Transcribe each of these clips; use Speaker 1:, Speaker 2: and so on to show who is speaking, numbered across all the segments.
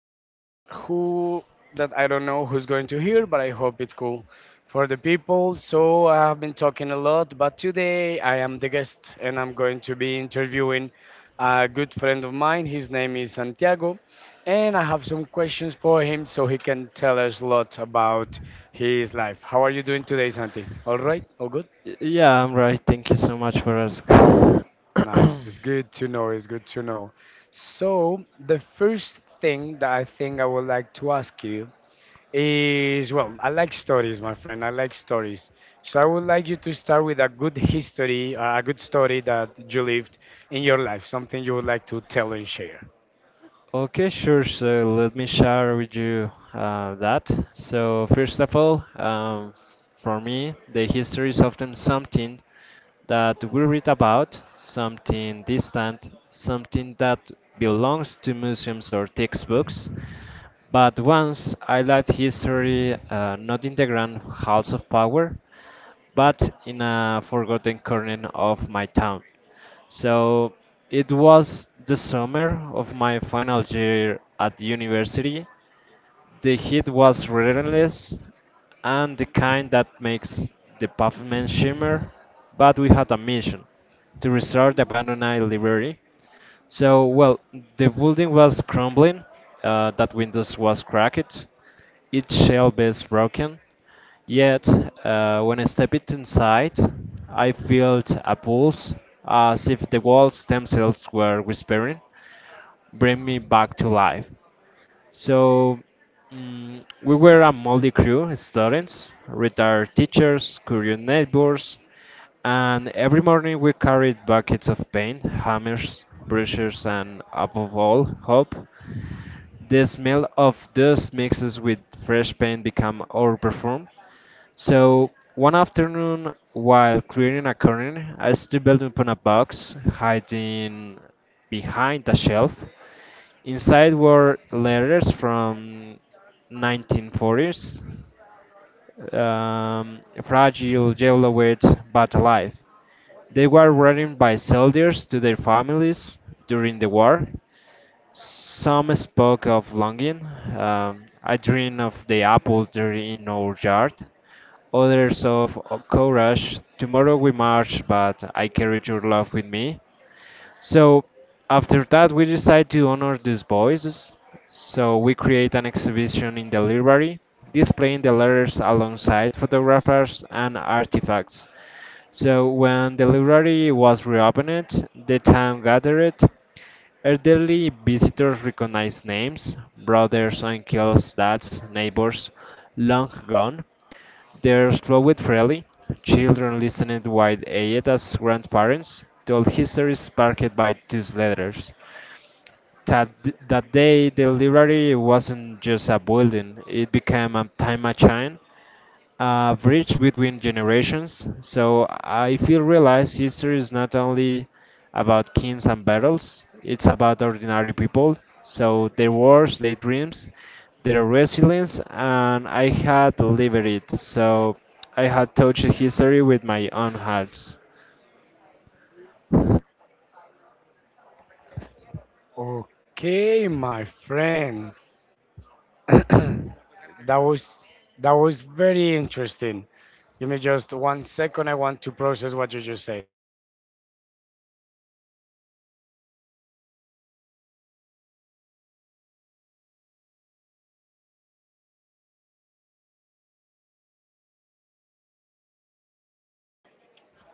Speaker 1: podcast. Who that, I don't know who's going to hear, but I hope it's cool for the people. So I have been talking a lot, but today I am the guest and I'm going to be interviewing a good friend of mine. His name is Santiago, and I have some questions for him so he can tell us a lot about his life. How are you doing today, Santi? All right, all good.
Speaker 2: Yeah, I'm right. Thank you so much for asking.
Speaker 1: Nice. It's good to know. It's good to know. So, the first thing that I think I would like to ask you is, well, I like stories, my friend. I like stories. So, I would like you to start with a good history, a good story that you lived in your life, something you would like to tell and share.
Speaker 2: Okay, sure. So let me share with you that. So first of all, for me, the history is often something. That we read about, something distant, something that belongs to museums or textbooks. But once I liked history not in the grand halls of power, but in a forgotten corner of my town. So it was the summer of my final year at university. The heat was relentless and the kind that makes the pavement shimmer, but we had a mission to restore the abandoned library. So, well, the building was crumbling, that windows was cracked, its shelf is broken. Yet, when I stepped inside, I felt a pulse, as if the walls themselves were whispering bring me back to life. So we were a moldy crew, students, retired teachers, curious neighbors, and every morning we carried buckets of paint, hammers, brushes, and above all, hope. The smell of dust mixes with fresh paint became our perfume. So one afternoon, while clearing a corner, I stumbled upon a box hiding behind a shelf. Inside were letters from 1940s, fragile, yellowed, but alive. They were written by soldiers to their families during the war. Some spoke of longing. I dream of the apple tree in our yard. Others of courage. Tomorrow we march, but I carried your love with me. So after that, we decide to honor these voices. So we create an exhibition in the library, displaying the letters alongside photographers and artifacts. So when the library was reopened, the town gathered. Elderly visitors recognized names, brothers, uncles, dads, neighbors long gone. They flowed freely, children listening while Ayetta's grandparents told histories sparked by these letters. That, that day, the library wasn't just a building, it became a time machine, a bridge between generations. So I feel realized history is not only about kings and battles, it's about ordinary people. So their wars, their dreams, their resilience, and I had lived it. So I had touched history with my own hands.
Speaker 1: Okay, my friend. that was that was very interesting. Give me just one second. I want to process what you just said.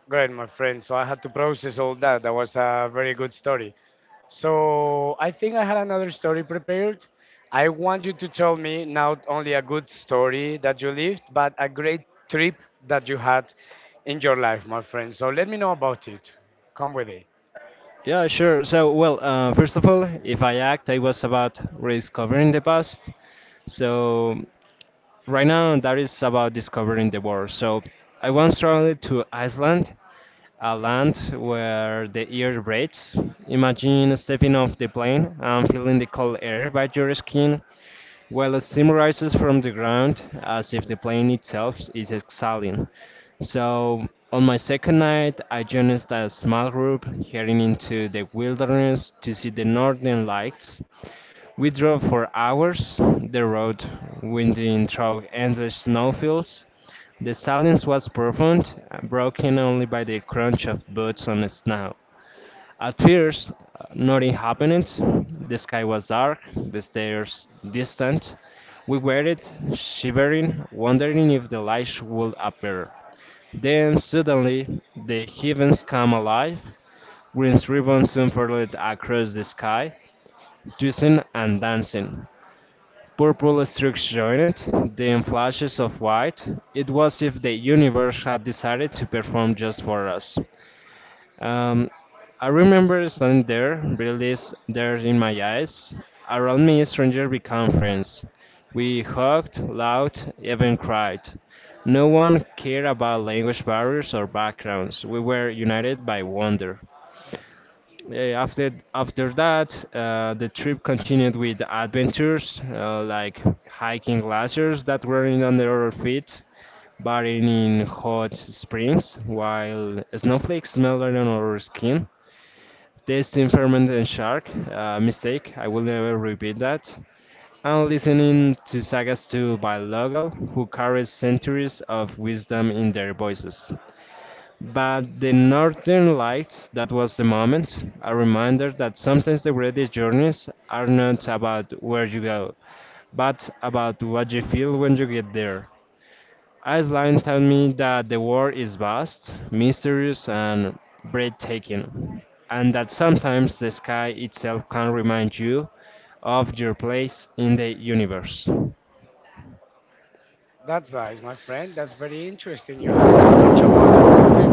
Speaker 1: Great, my friend. So I had to process all that. That was a very good story. So I think I had another story prepared. I want you to tell me not only a good story that you lived, but a great trip that you had in your life, my friend. So let me know about it. Come with it.
Speaker 2: Yeah, sure. So, well, first of all, if I act, I was about rediscovering the past. So right now, that is about discovering the world. So I once traveled to Iceland, a land where the air breathes. Imagine stepping off the plane and feeling the cold air by your skin while it rises from the ground as if the plane itself is exhaling. So on my second night, I joined a small group heading into the wilderness to see the northern lights. We drove for hours, the road winding through endless snowfields. The silence was profound, broken only by the crunch of boots on the snow. At first, nothing happened. The sky was dark, the stairs distant. We waited, shivering, wondering if the lights would appear. Then suddenly the heavens came alive. Green ribbons unfurled across the sky, twisting and dancing. Purple streaks joined, then flashes of white. It was if the universe had decided to perform just for us. Um, I remember standing there, release there in my eyes. Around me, strangers became friends. We hugged, laughed, even cried. No one cared about language barriers or backgrounds. We were united by wonder. Yeah, after that, the trip continued with adventures like hiking glaciers that were in under our feet, bathing in hot springs while snowflakes melted on our skin, tasting fermented shark. Mistake, I will never repeat that. And listening to sagas to by local who carries centuries of wisdom in their voices. But the northern lights, that was the moment, a reminder that sometimes the greatest journeys are not about where you go, but about what you feel when you get there. Iceland taught me that the world is vast, mysterious, and breathtaking, and that sometimes the sky itself can remind you of your place in the universe.
Speaker 1: That's nice, my friend. That's very interesting. You had such a wonderful trip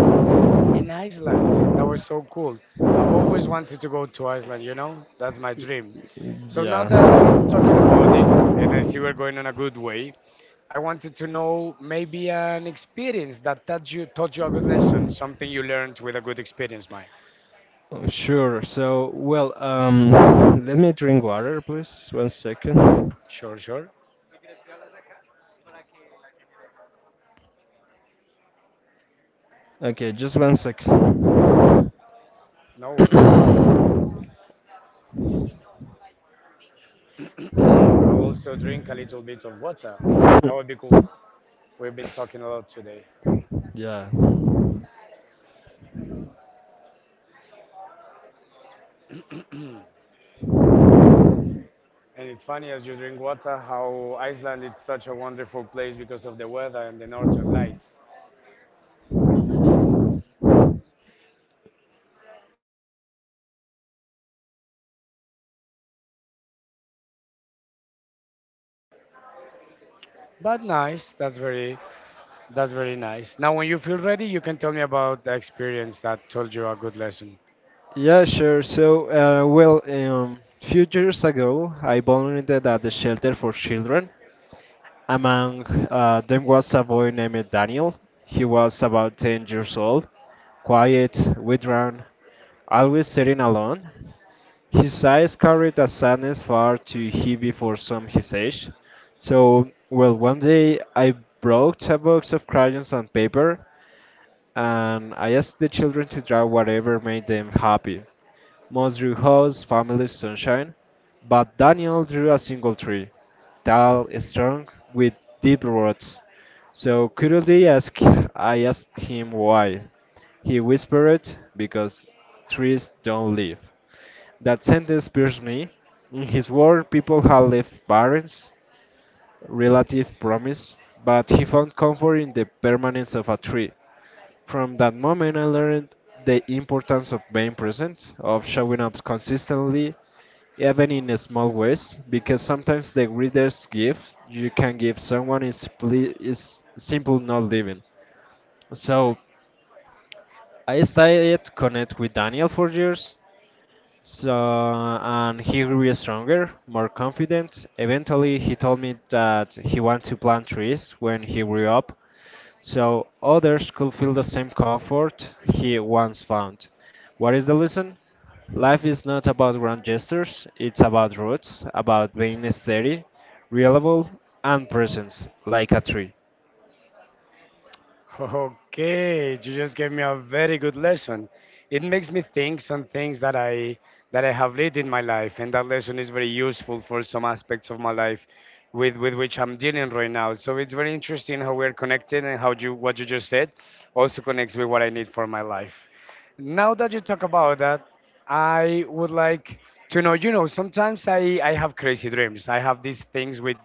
Speaker 1: in Iceland. That was so cool. I've always wanted to go to Iceland, you know? That's my dream. So now that you're
Speaker 2: Yeah,
Speaker 1: talking about this, and I see we're going on a good way, I wanted to know maybe an experience that taught taught you a good lesson, something you learned with a good experience, Mike.
Speaker 2: sure. So, well, let me drink water, please. One second.
Speaker 1: Sure, sure.
Speaker 2: Okay, just one second.
Speaker 1: No worries. Go ahead. I'll also drink a little bit of water. That would be cool. We've been talking a lot today.
Speaker 2: Yeah.
Speaker 1: And it's funny as you drink water how Iceland is such a wonderful place because of the weather and the northern lights. But nice, that's very nice. Now when you feel ready, you can tell me about the experience that told you a good lesson.
Speaker 2: Yeah, sure. So, well, few years ago, I volunteered at the shelter for children. Among them was a boy named Daniel. He was about 10 years old, quiet, withdrawn, always sitting alone. His eyes carried a sadness far too heavy for some his age. So, well, one day I brought a box of crayons and paper, and I asked the children to draw whatever made them happy. Most drew house, family, sunshine, but Daniel drew a single tree, tall, strong, with deep roots. So curiously ask, I asked him why. He whispered, because trees don't live. That sentence pierced me. In his world, people have left parents, relative promise, but he found comfort in the permanence of a tree. From that moment, I learned the importance of being present, of showing up consistently, even in small ways, because sometimes the greatest gift you can give someone is, is simple not living. So I started to connect with Daniel for years, so, and he grew stronger, more confident. Eventually, he told me that he wanted to plant trees when he grew up, so others could feel the same comfort he once found. What is the lesson? Life is not about grand gestures, it's about roots, about being steady, reliable, and presence, like a tree.
Speaker 1: Okay, you just gave me a very good lesson. It makes me think some things that I have lived in my life, and that lesson is very useful for some aspects of my life with which I'm dealing right now. So it's very interesting how we're connected and how you what you just said also connects with what I need for my life. Now that you talk about that, I would like to know, you know, sometimes I have crazy dreams. I have these things with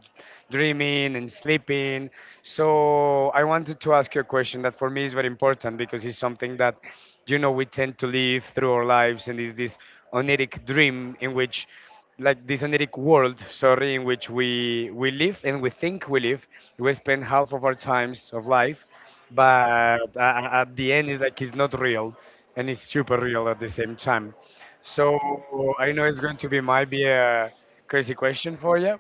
Speaker 1: dreaming and sleeping, so I wanted to ask you a question that for me is very important, because it's something that, you know, we tend to live through our lives, and is this oniric dream in which, like this oniric world, sorry, in which we live and we think we live. We spend half of our times of life, but at the end it's like it's not real, and it's super real at the same time. So I know it's going to be might be a crazy question for you.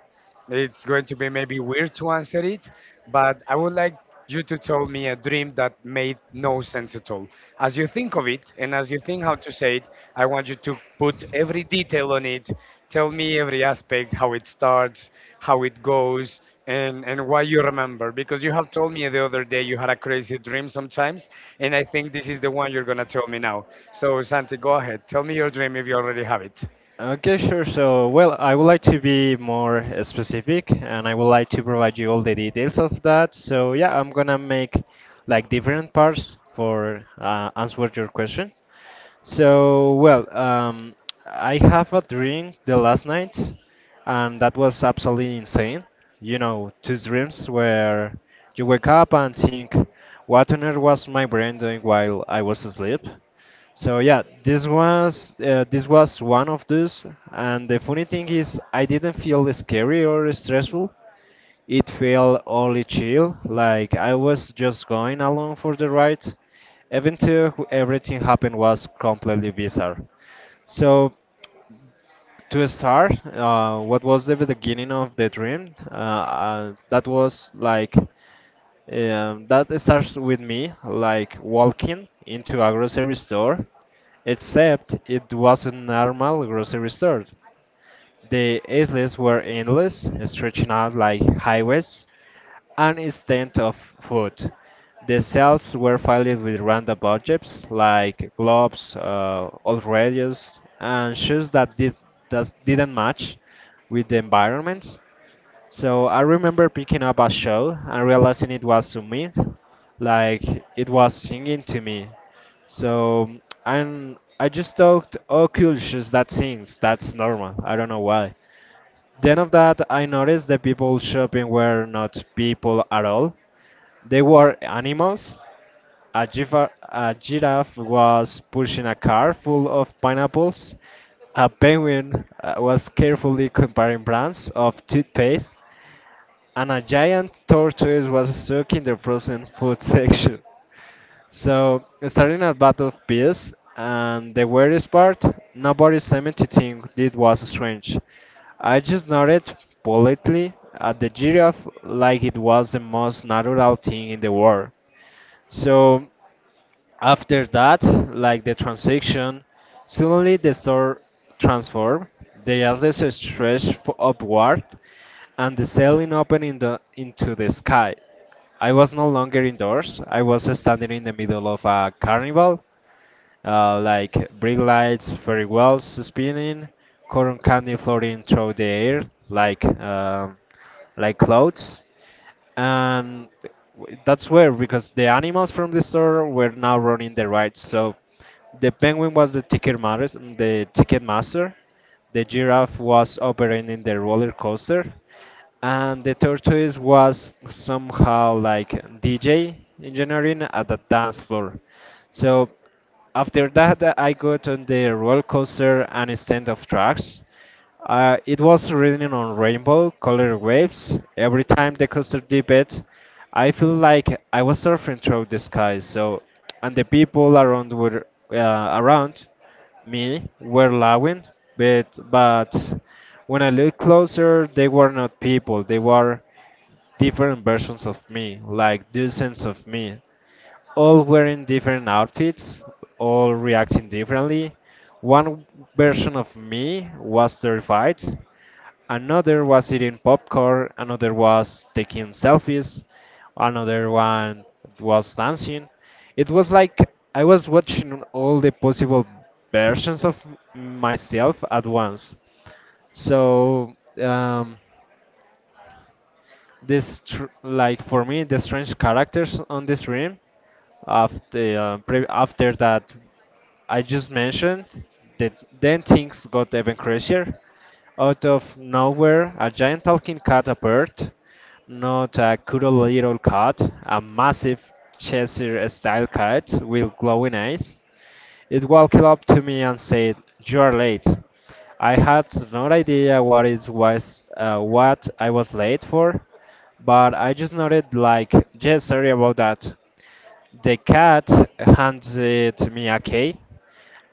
Speaker 1: It's going to be maybe weird to answer it, but I would like you to tell me a dream that made no sense at all. As you think of it and as you think how to say it, I want you to put every detail on it. Tell me every aspect, how it starts, how it goes, and why you remember. Because you have told me the other day you had a crazy dream sometimes, and I think this is the one you're going to tell me now. So, Santi, go ahead. Tell me your dream if you already have it.
Speaker 2: Okay, sure. So, well, I would like to be more specific and I would like to provide you all the details of that. So, yeah, I'm gonna make like different parts for answer your question. So, well, I have a dream the last night, and that was absolutely insane. You know, two dreams where you wake up and think, what on earth was my brain doing while I was asleep? So yeah, this was one of those, and the funny thing is, I didn't feel scary or stressful. It felt only chill, like I was just going along for the ride, even though everything happened was completely bizarre. So to start, what was the beginning of the dream? That was like. That starts with me, like walking into a grocery store, except it was a normal grocery store. The aisles were endless, stretching out like highways, and instead of food. The shelves were filled with random objects like gloves, old radios, and shoes that didn't match with the environment. So I remember picking up a show and realizing it was to me, like it was singing to me. So and I just thought, oh, cool, she's that sings. That's normal. I don't know why. Then of that, I noticed the people shopping were not people at all. They were animals. A giraffe was pushing a car full of pineapples. A penguin was carefully comparing brands of toothpaste and a giant tortoise was stuck in the frozen food section. So, starting a battle of beasts, and the weirdest part, nobody seemed to think it was strange. I just nodded politely at the giraffe like it was the most natural thing in the world. So, after that, like the transaction, suddenly the store transformed, the asset stretched upward, and the ceiling opened in the, into the sky. I was no longer indoors, I was standing in the middle of a carnival like brake lights, very well spinning, cotton candy floating through the air like um, like clouds, and that's weird because the animals from the store were now running the rides. So the penguin was the ticket master, the ticket master. The giraffe was operating the roller coaster, and the third choice was somehow like DJ engineering at the dance floor. So after that, I got on the roller coaster and a stand of tracks. It was raining on rainbow colored waves. Every time the coaster did it, I feel like I was surfing through the sky. So, and the people around were around me were lawing, but when I looked closer, they were not people. They were different versions of me, like dozens of me, all wearing different outfits, all reacting differently. One version of me was terrified. Another was eating popcorn, another was taking selfies, another one was dancing. It was like I was watching all the possible versions of myself at once. So, like for me the strange characters on the stream after after that I just mentioned that then things got even crazier. Out of nowhere, a giant talking cat appeared. Not a cuddle little cat, a massive Cheshire-style cat with glowing eyes. It walked up to me and said, "You are late." I had no idea what it was, what I was late for, but I just nodded like, "Yeah, sorry about that." The cat handed me a key,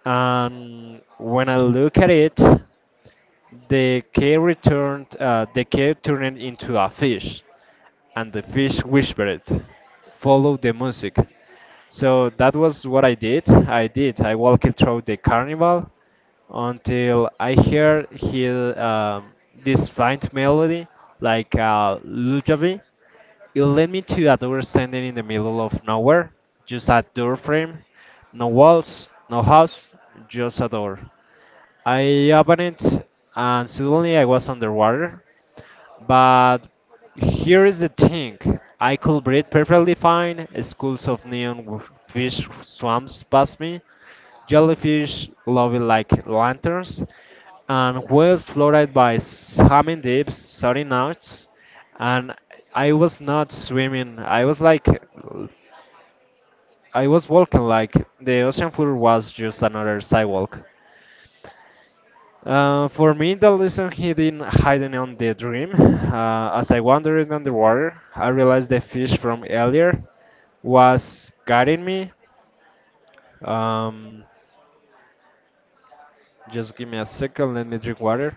Speaker 2: and when I look at it, the cave returned. The cave turned into a fish, and the fish whispered, "Follow the music." So that was what I did. I did. I walked through the carnival until I heard he, this faint melody, like a lullaby. It led me to a door standing in the middle of nowhere, just a door frame, no walls, no house, just a door. I opened it and suddenly I was underwater. But here is the thing I could breathe perfectly fine. Schools of fish swams past me. Jellyfish loving like lanterns. And whales floated by swimming deep, sorry knots. And I was not swimming. I was like, I was walking like the ocean floor was just another sidewalk. For me, the lesson hidden hiding on the dream. As I wandered underwater, I realized the fish from earlier was guiding me. Um, just give me a second. Let me drink water.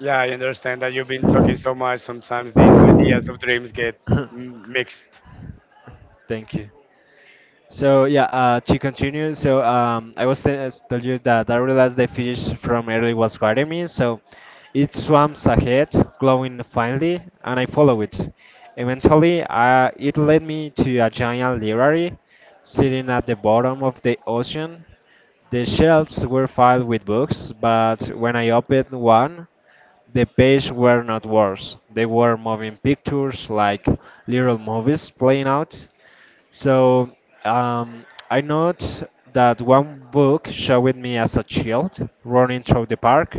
Speaker 1: Yeah, I understand that you've been talking so much. Sometimes these ideas of dreams get mixed.
Speaker 2: Thank you. So yeah, to continue, so I was tell you that I realized the fish from early was guarding me, so it swims ahead, glowing finely, and I follow it. Eventually, it led me to a giant library sitting at the bottom of the ocean. The shelves were filled with books, but when I opened one, the pages were not worse. They were moving pictures like little movies playing out. So I note that one book showed me as a child running through the park,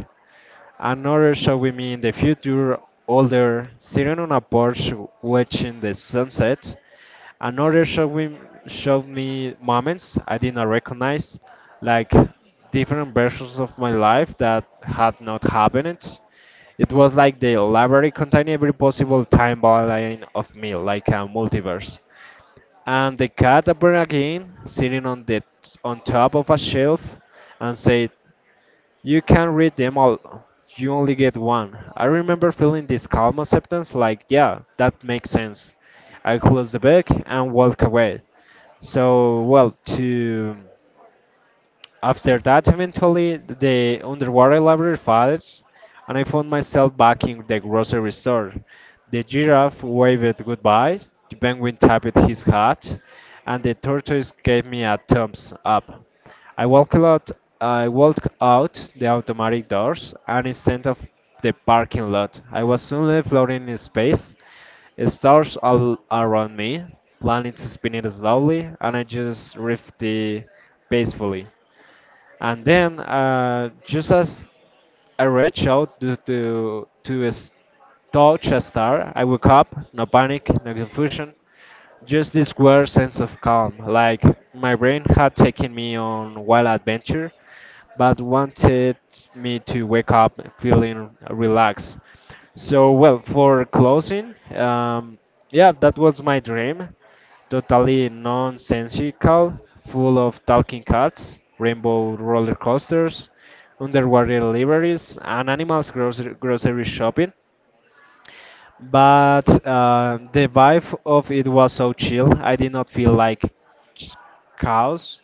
Speaker 2: another showed me in the future older sitting on a porch watching the sunset, another showed me moments I did not recognize, like different versions of my life that had not happened. It was like the library contained every possible timeline of me, like a multiverse. And the cat appeared again, sitting on the on top of a shelf, and said, "You can't read them all. You only get one." I remember feeling this calm acceptance, like, "Yeah, that makes sense." I closed the book and walked away. So, well, to after that, eventually, the underwater library fades, and I found myself back in the grocery store. The giraffe waved goodbye, the penguin tapped his hat, and the tortoise gave me a thumbs up. I walked out, I walked out the automatic doors and instead of the parking lot, I was suddenly floating in space, stars all around me, planets spinning slowly, and I just drifted peacefully. And then, just as I reach out to touch a star, I woke up, no panic, no confusion, just this weird sense of calm, like my brain had taken me on wild adventure, but wanted me to wake up feeling relaxed. So, well, for closing, yeah, that was my dream totally nonsensical, full of talking cats, rainbow roller coasters, underwater libraries, and animals grocery shopping. But the vibe of it was so chill, I did not feel like ch- chaos.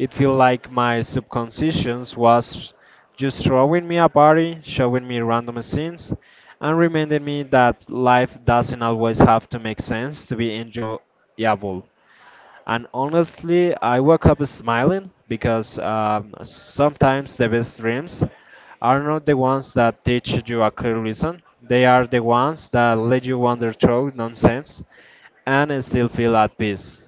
Speaker 2: It felt like my subconscious was just throwing me a party, showing me random scenes, and reminding me that life doesn't always have to make sense to be enjoyable. And honestly, I woke up smiling because sometimes the best dreams are not the ones that teach you a clear lesson. They are the ones that let you wander through nonsense and still feel at peace.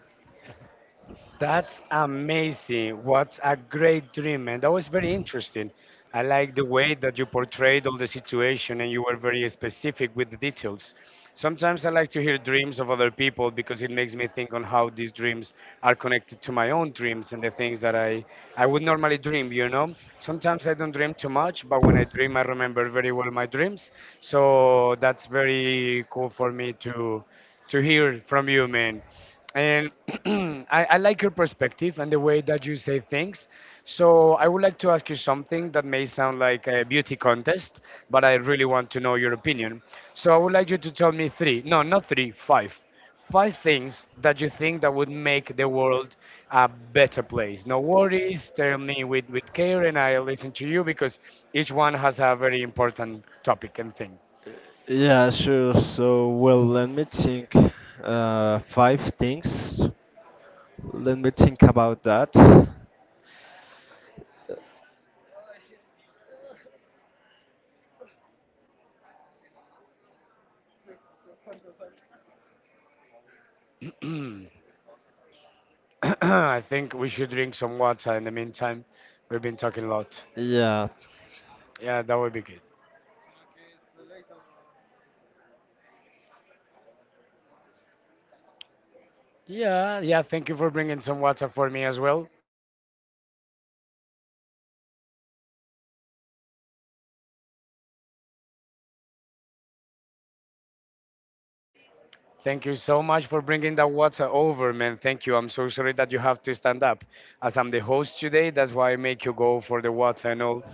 Speaker 1: That's amazing. What a great dream, and that was very interesting. I like the way that you portrayed all the situation and you were very specific with the details. Sometimes I like to hear dreams of other people because it makes me think on how these dreams are connected to my own dreams and the things that I would normally dream, you know? Sometimes I don't dream too much, but when I dream, I remember very well my dreams. So that's very cool for me to hear from you, man. And I like your perspective and the way that you say things. So I would like to ask you something that may sound like a beauty contest, but I really want to know your opinion. So I would like you to tell me three, no, not three, five, five things that you think that would make the world a better place. No worries, tell me with care and I'll listen to you because each one has a very important topic and
Speaker 2: Yeah, sure. So, well, let me think. Five things. Let me think about that.
Speaker 1: thing. I think we should drink some water in the meantime. We've been talking a lot.
Speaker 2: Yeah,
Speaker 1: Yeah, that would be good. Yeah, yeah, thank you for bringing some water for me as well. Thank you so much for bringing that water over, man. Thank you. I'm so sorry that you have to stand up. As I'm the host today, that's why I make you go for the water and all.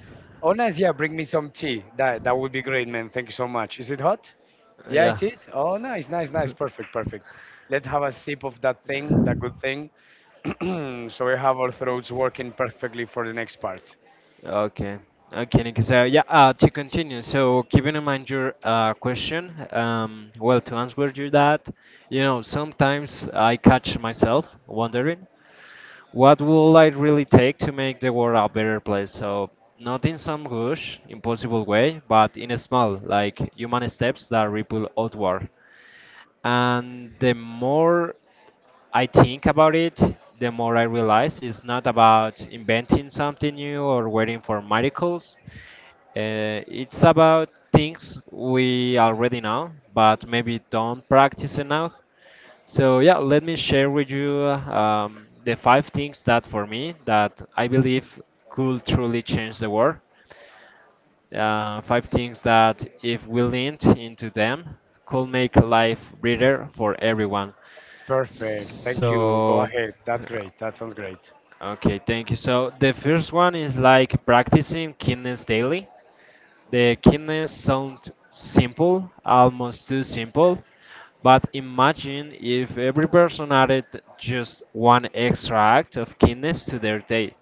Speaker 1: Oh, nice. Yeah, bring me some tea. That would be great, man. Thank you so much. Is it hot? Yeah,
Speaker 2: yeah.
Speaker 1: it is. Oh, nice, nice, nice. Perfect, perfect. Let's have a sip of that thing, that good thing. So we have our throats working perfectly for the next part.
Speaker 2: Okay. Okay, Nick. So yeah, to continue. So keeping in mind your question, well, to answer you that, you know, sometimes I catch myself wondering, what will I really take to make the world a better place? So not in some huge, impossible way, but in a small, like human steps that ripple outward. And the more I think about it, the more I realize it's not about inventing something new or waiting for miracles. It's about things we already know, but maybe don't practice enough. So yeah, let me share with you the five things that for me that I believe could truly change the world. Five things that, if we leaned into them, could make life better for everyone.
Speaker 1: Perfect. Thank you. Go
Speaker 2: So,
Speaker 1: ahead. That's great. That sounds great.
Speaker 2: okay, thank you. So, the first one is like practicing kindness daily. The kindness sounds simple, almost too simple, but imagine if every person added just one extra act of kindness to their day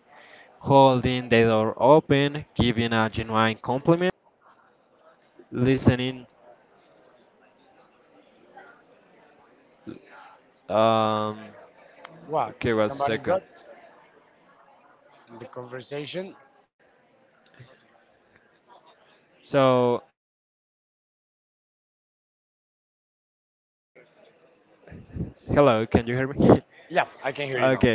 Speaker 2: holding the door open, giving a genuine compliment.
Speaker 1: What? Somebody got the conversation? Yeah, I can hear you now.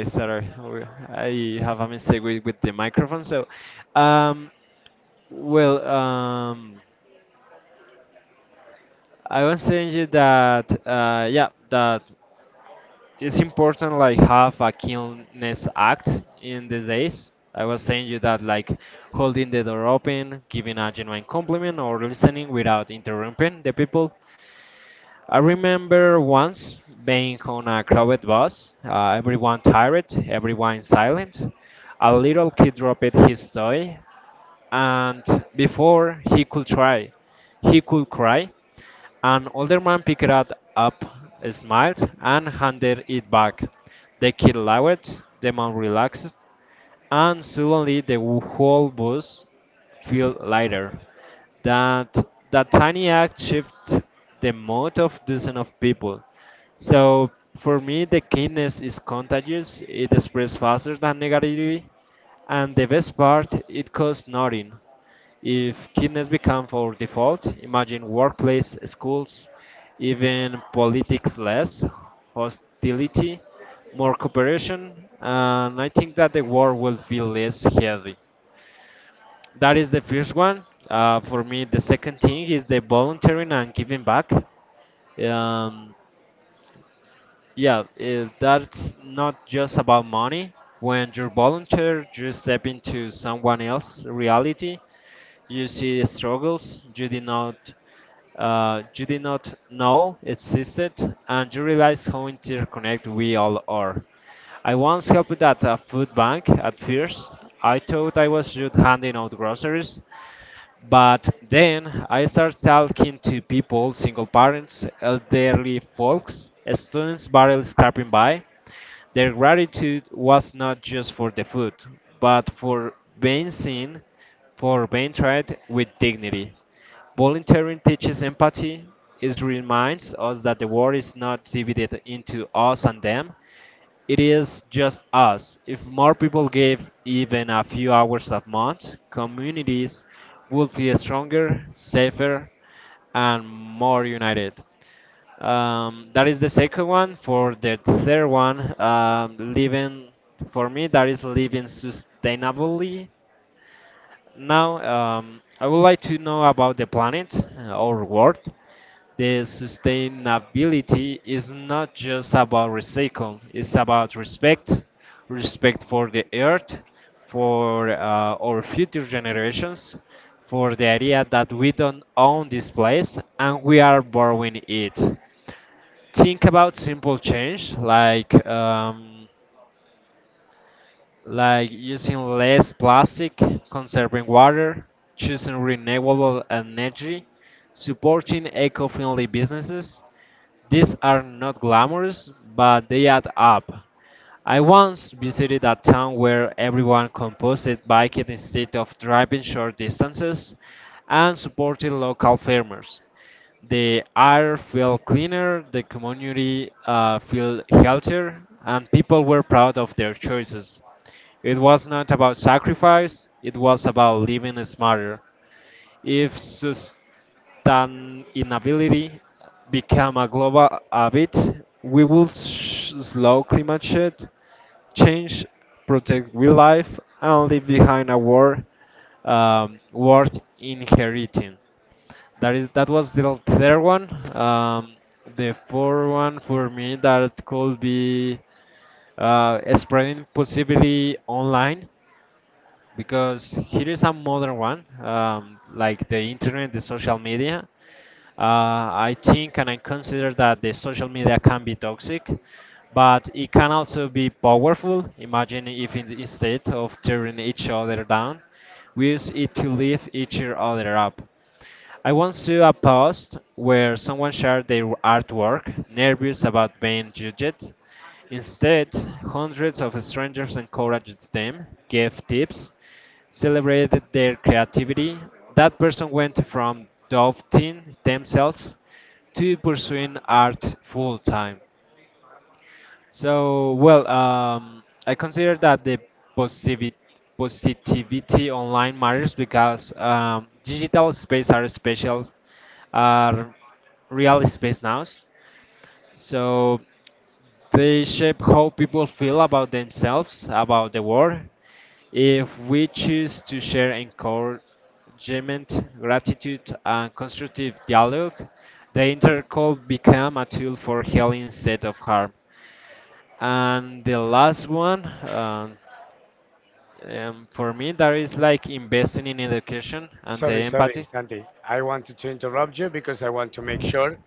Speaker 1: Sorry, sorry, Santi. I wanted to interrupt you because I want to make sure.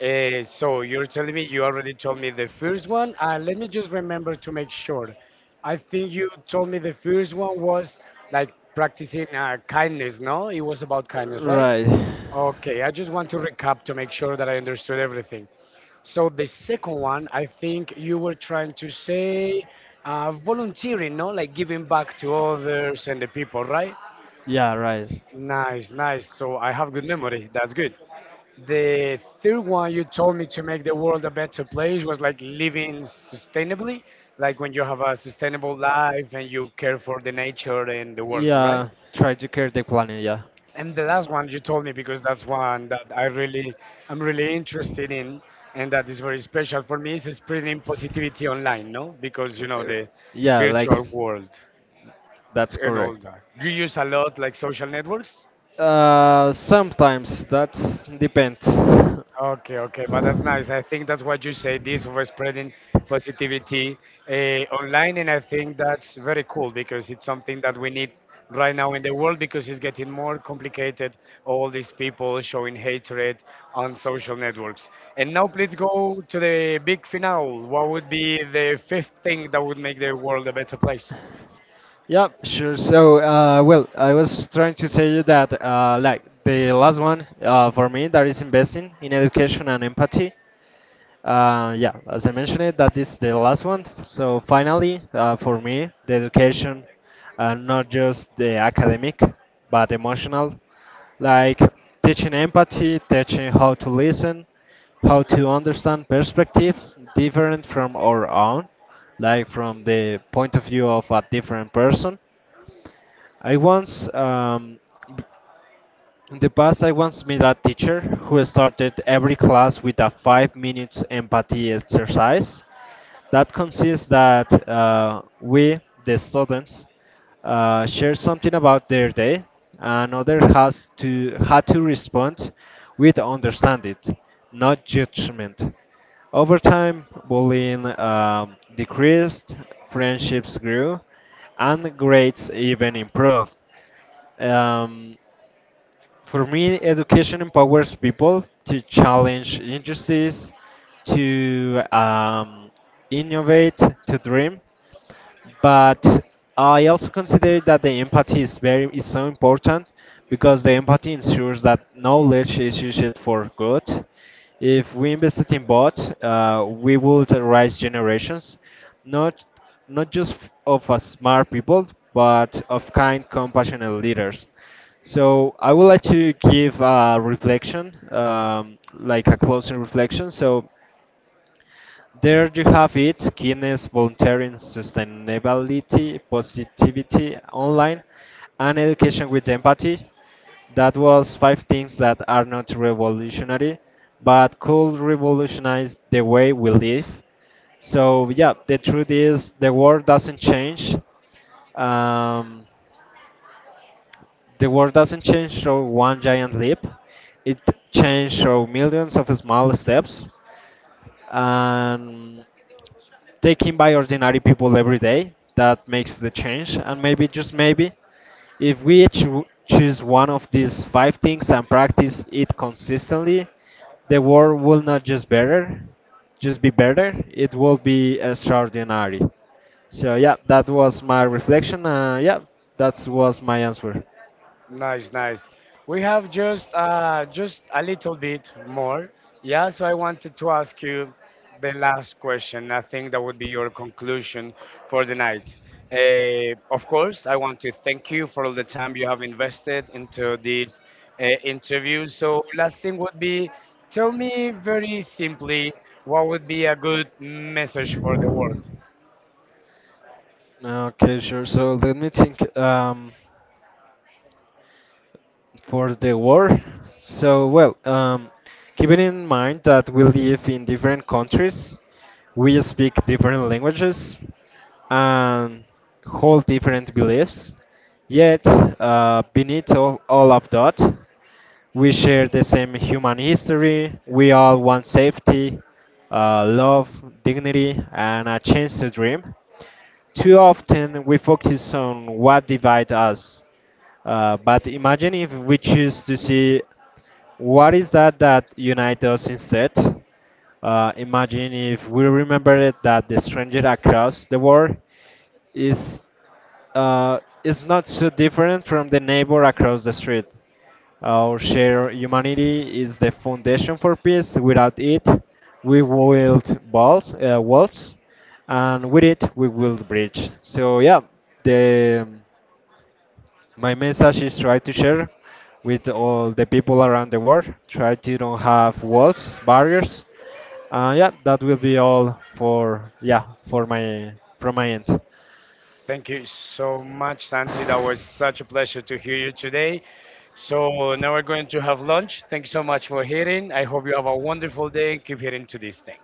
Speaker 1: So you're telling me you already told me the first one. Let me just remember to make sure. I think you told me the first one was like practicing kindness, no? It was about kindness, right? Okay, I just want to recap to make sure that I understood everything. So the second one, I think you were trying to say volunteering, no? Like giving back to others and the people, right? Nice, nice. So I have good memory. That's good. The third one you told me to make the world a better place was like living sustainably, like when you have a sustainable life and you care for the nature and the world, right? And the last one you told me, because that's one that I'm really interested in, and that is very special for me, is spreading positivity online, no? Because you know the virtual world and all that. Do you use a lot like social networks? Okay, okay, but that's nice. I think that's what you say, this of spreading positivity online, and I think that's very cool because it's something that we need right now in the world, because it's getting more complicated. All these people showing hatred on social networks. And now please go to the big finale. What would be the fifth thing that would make the world a better place? Nice, nice. We have just a little bit more. Yeah, so I wanted to ask you the last question. I think that would be your conclusion for the night. Of course, I want to thank you for all the time you have invested into this interview. So, last thing would be, tell me very simply, what would be a good message for the world. Thank you so much, Santi. That was such a pleasure to hear you today. So now we're going to have lunch. Thank you so much for hearing. I hope you have a wonderful day and keep hearing to this thing.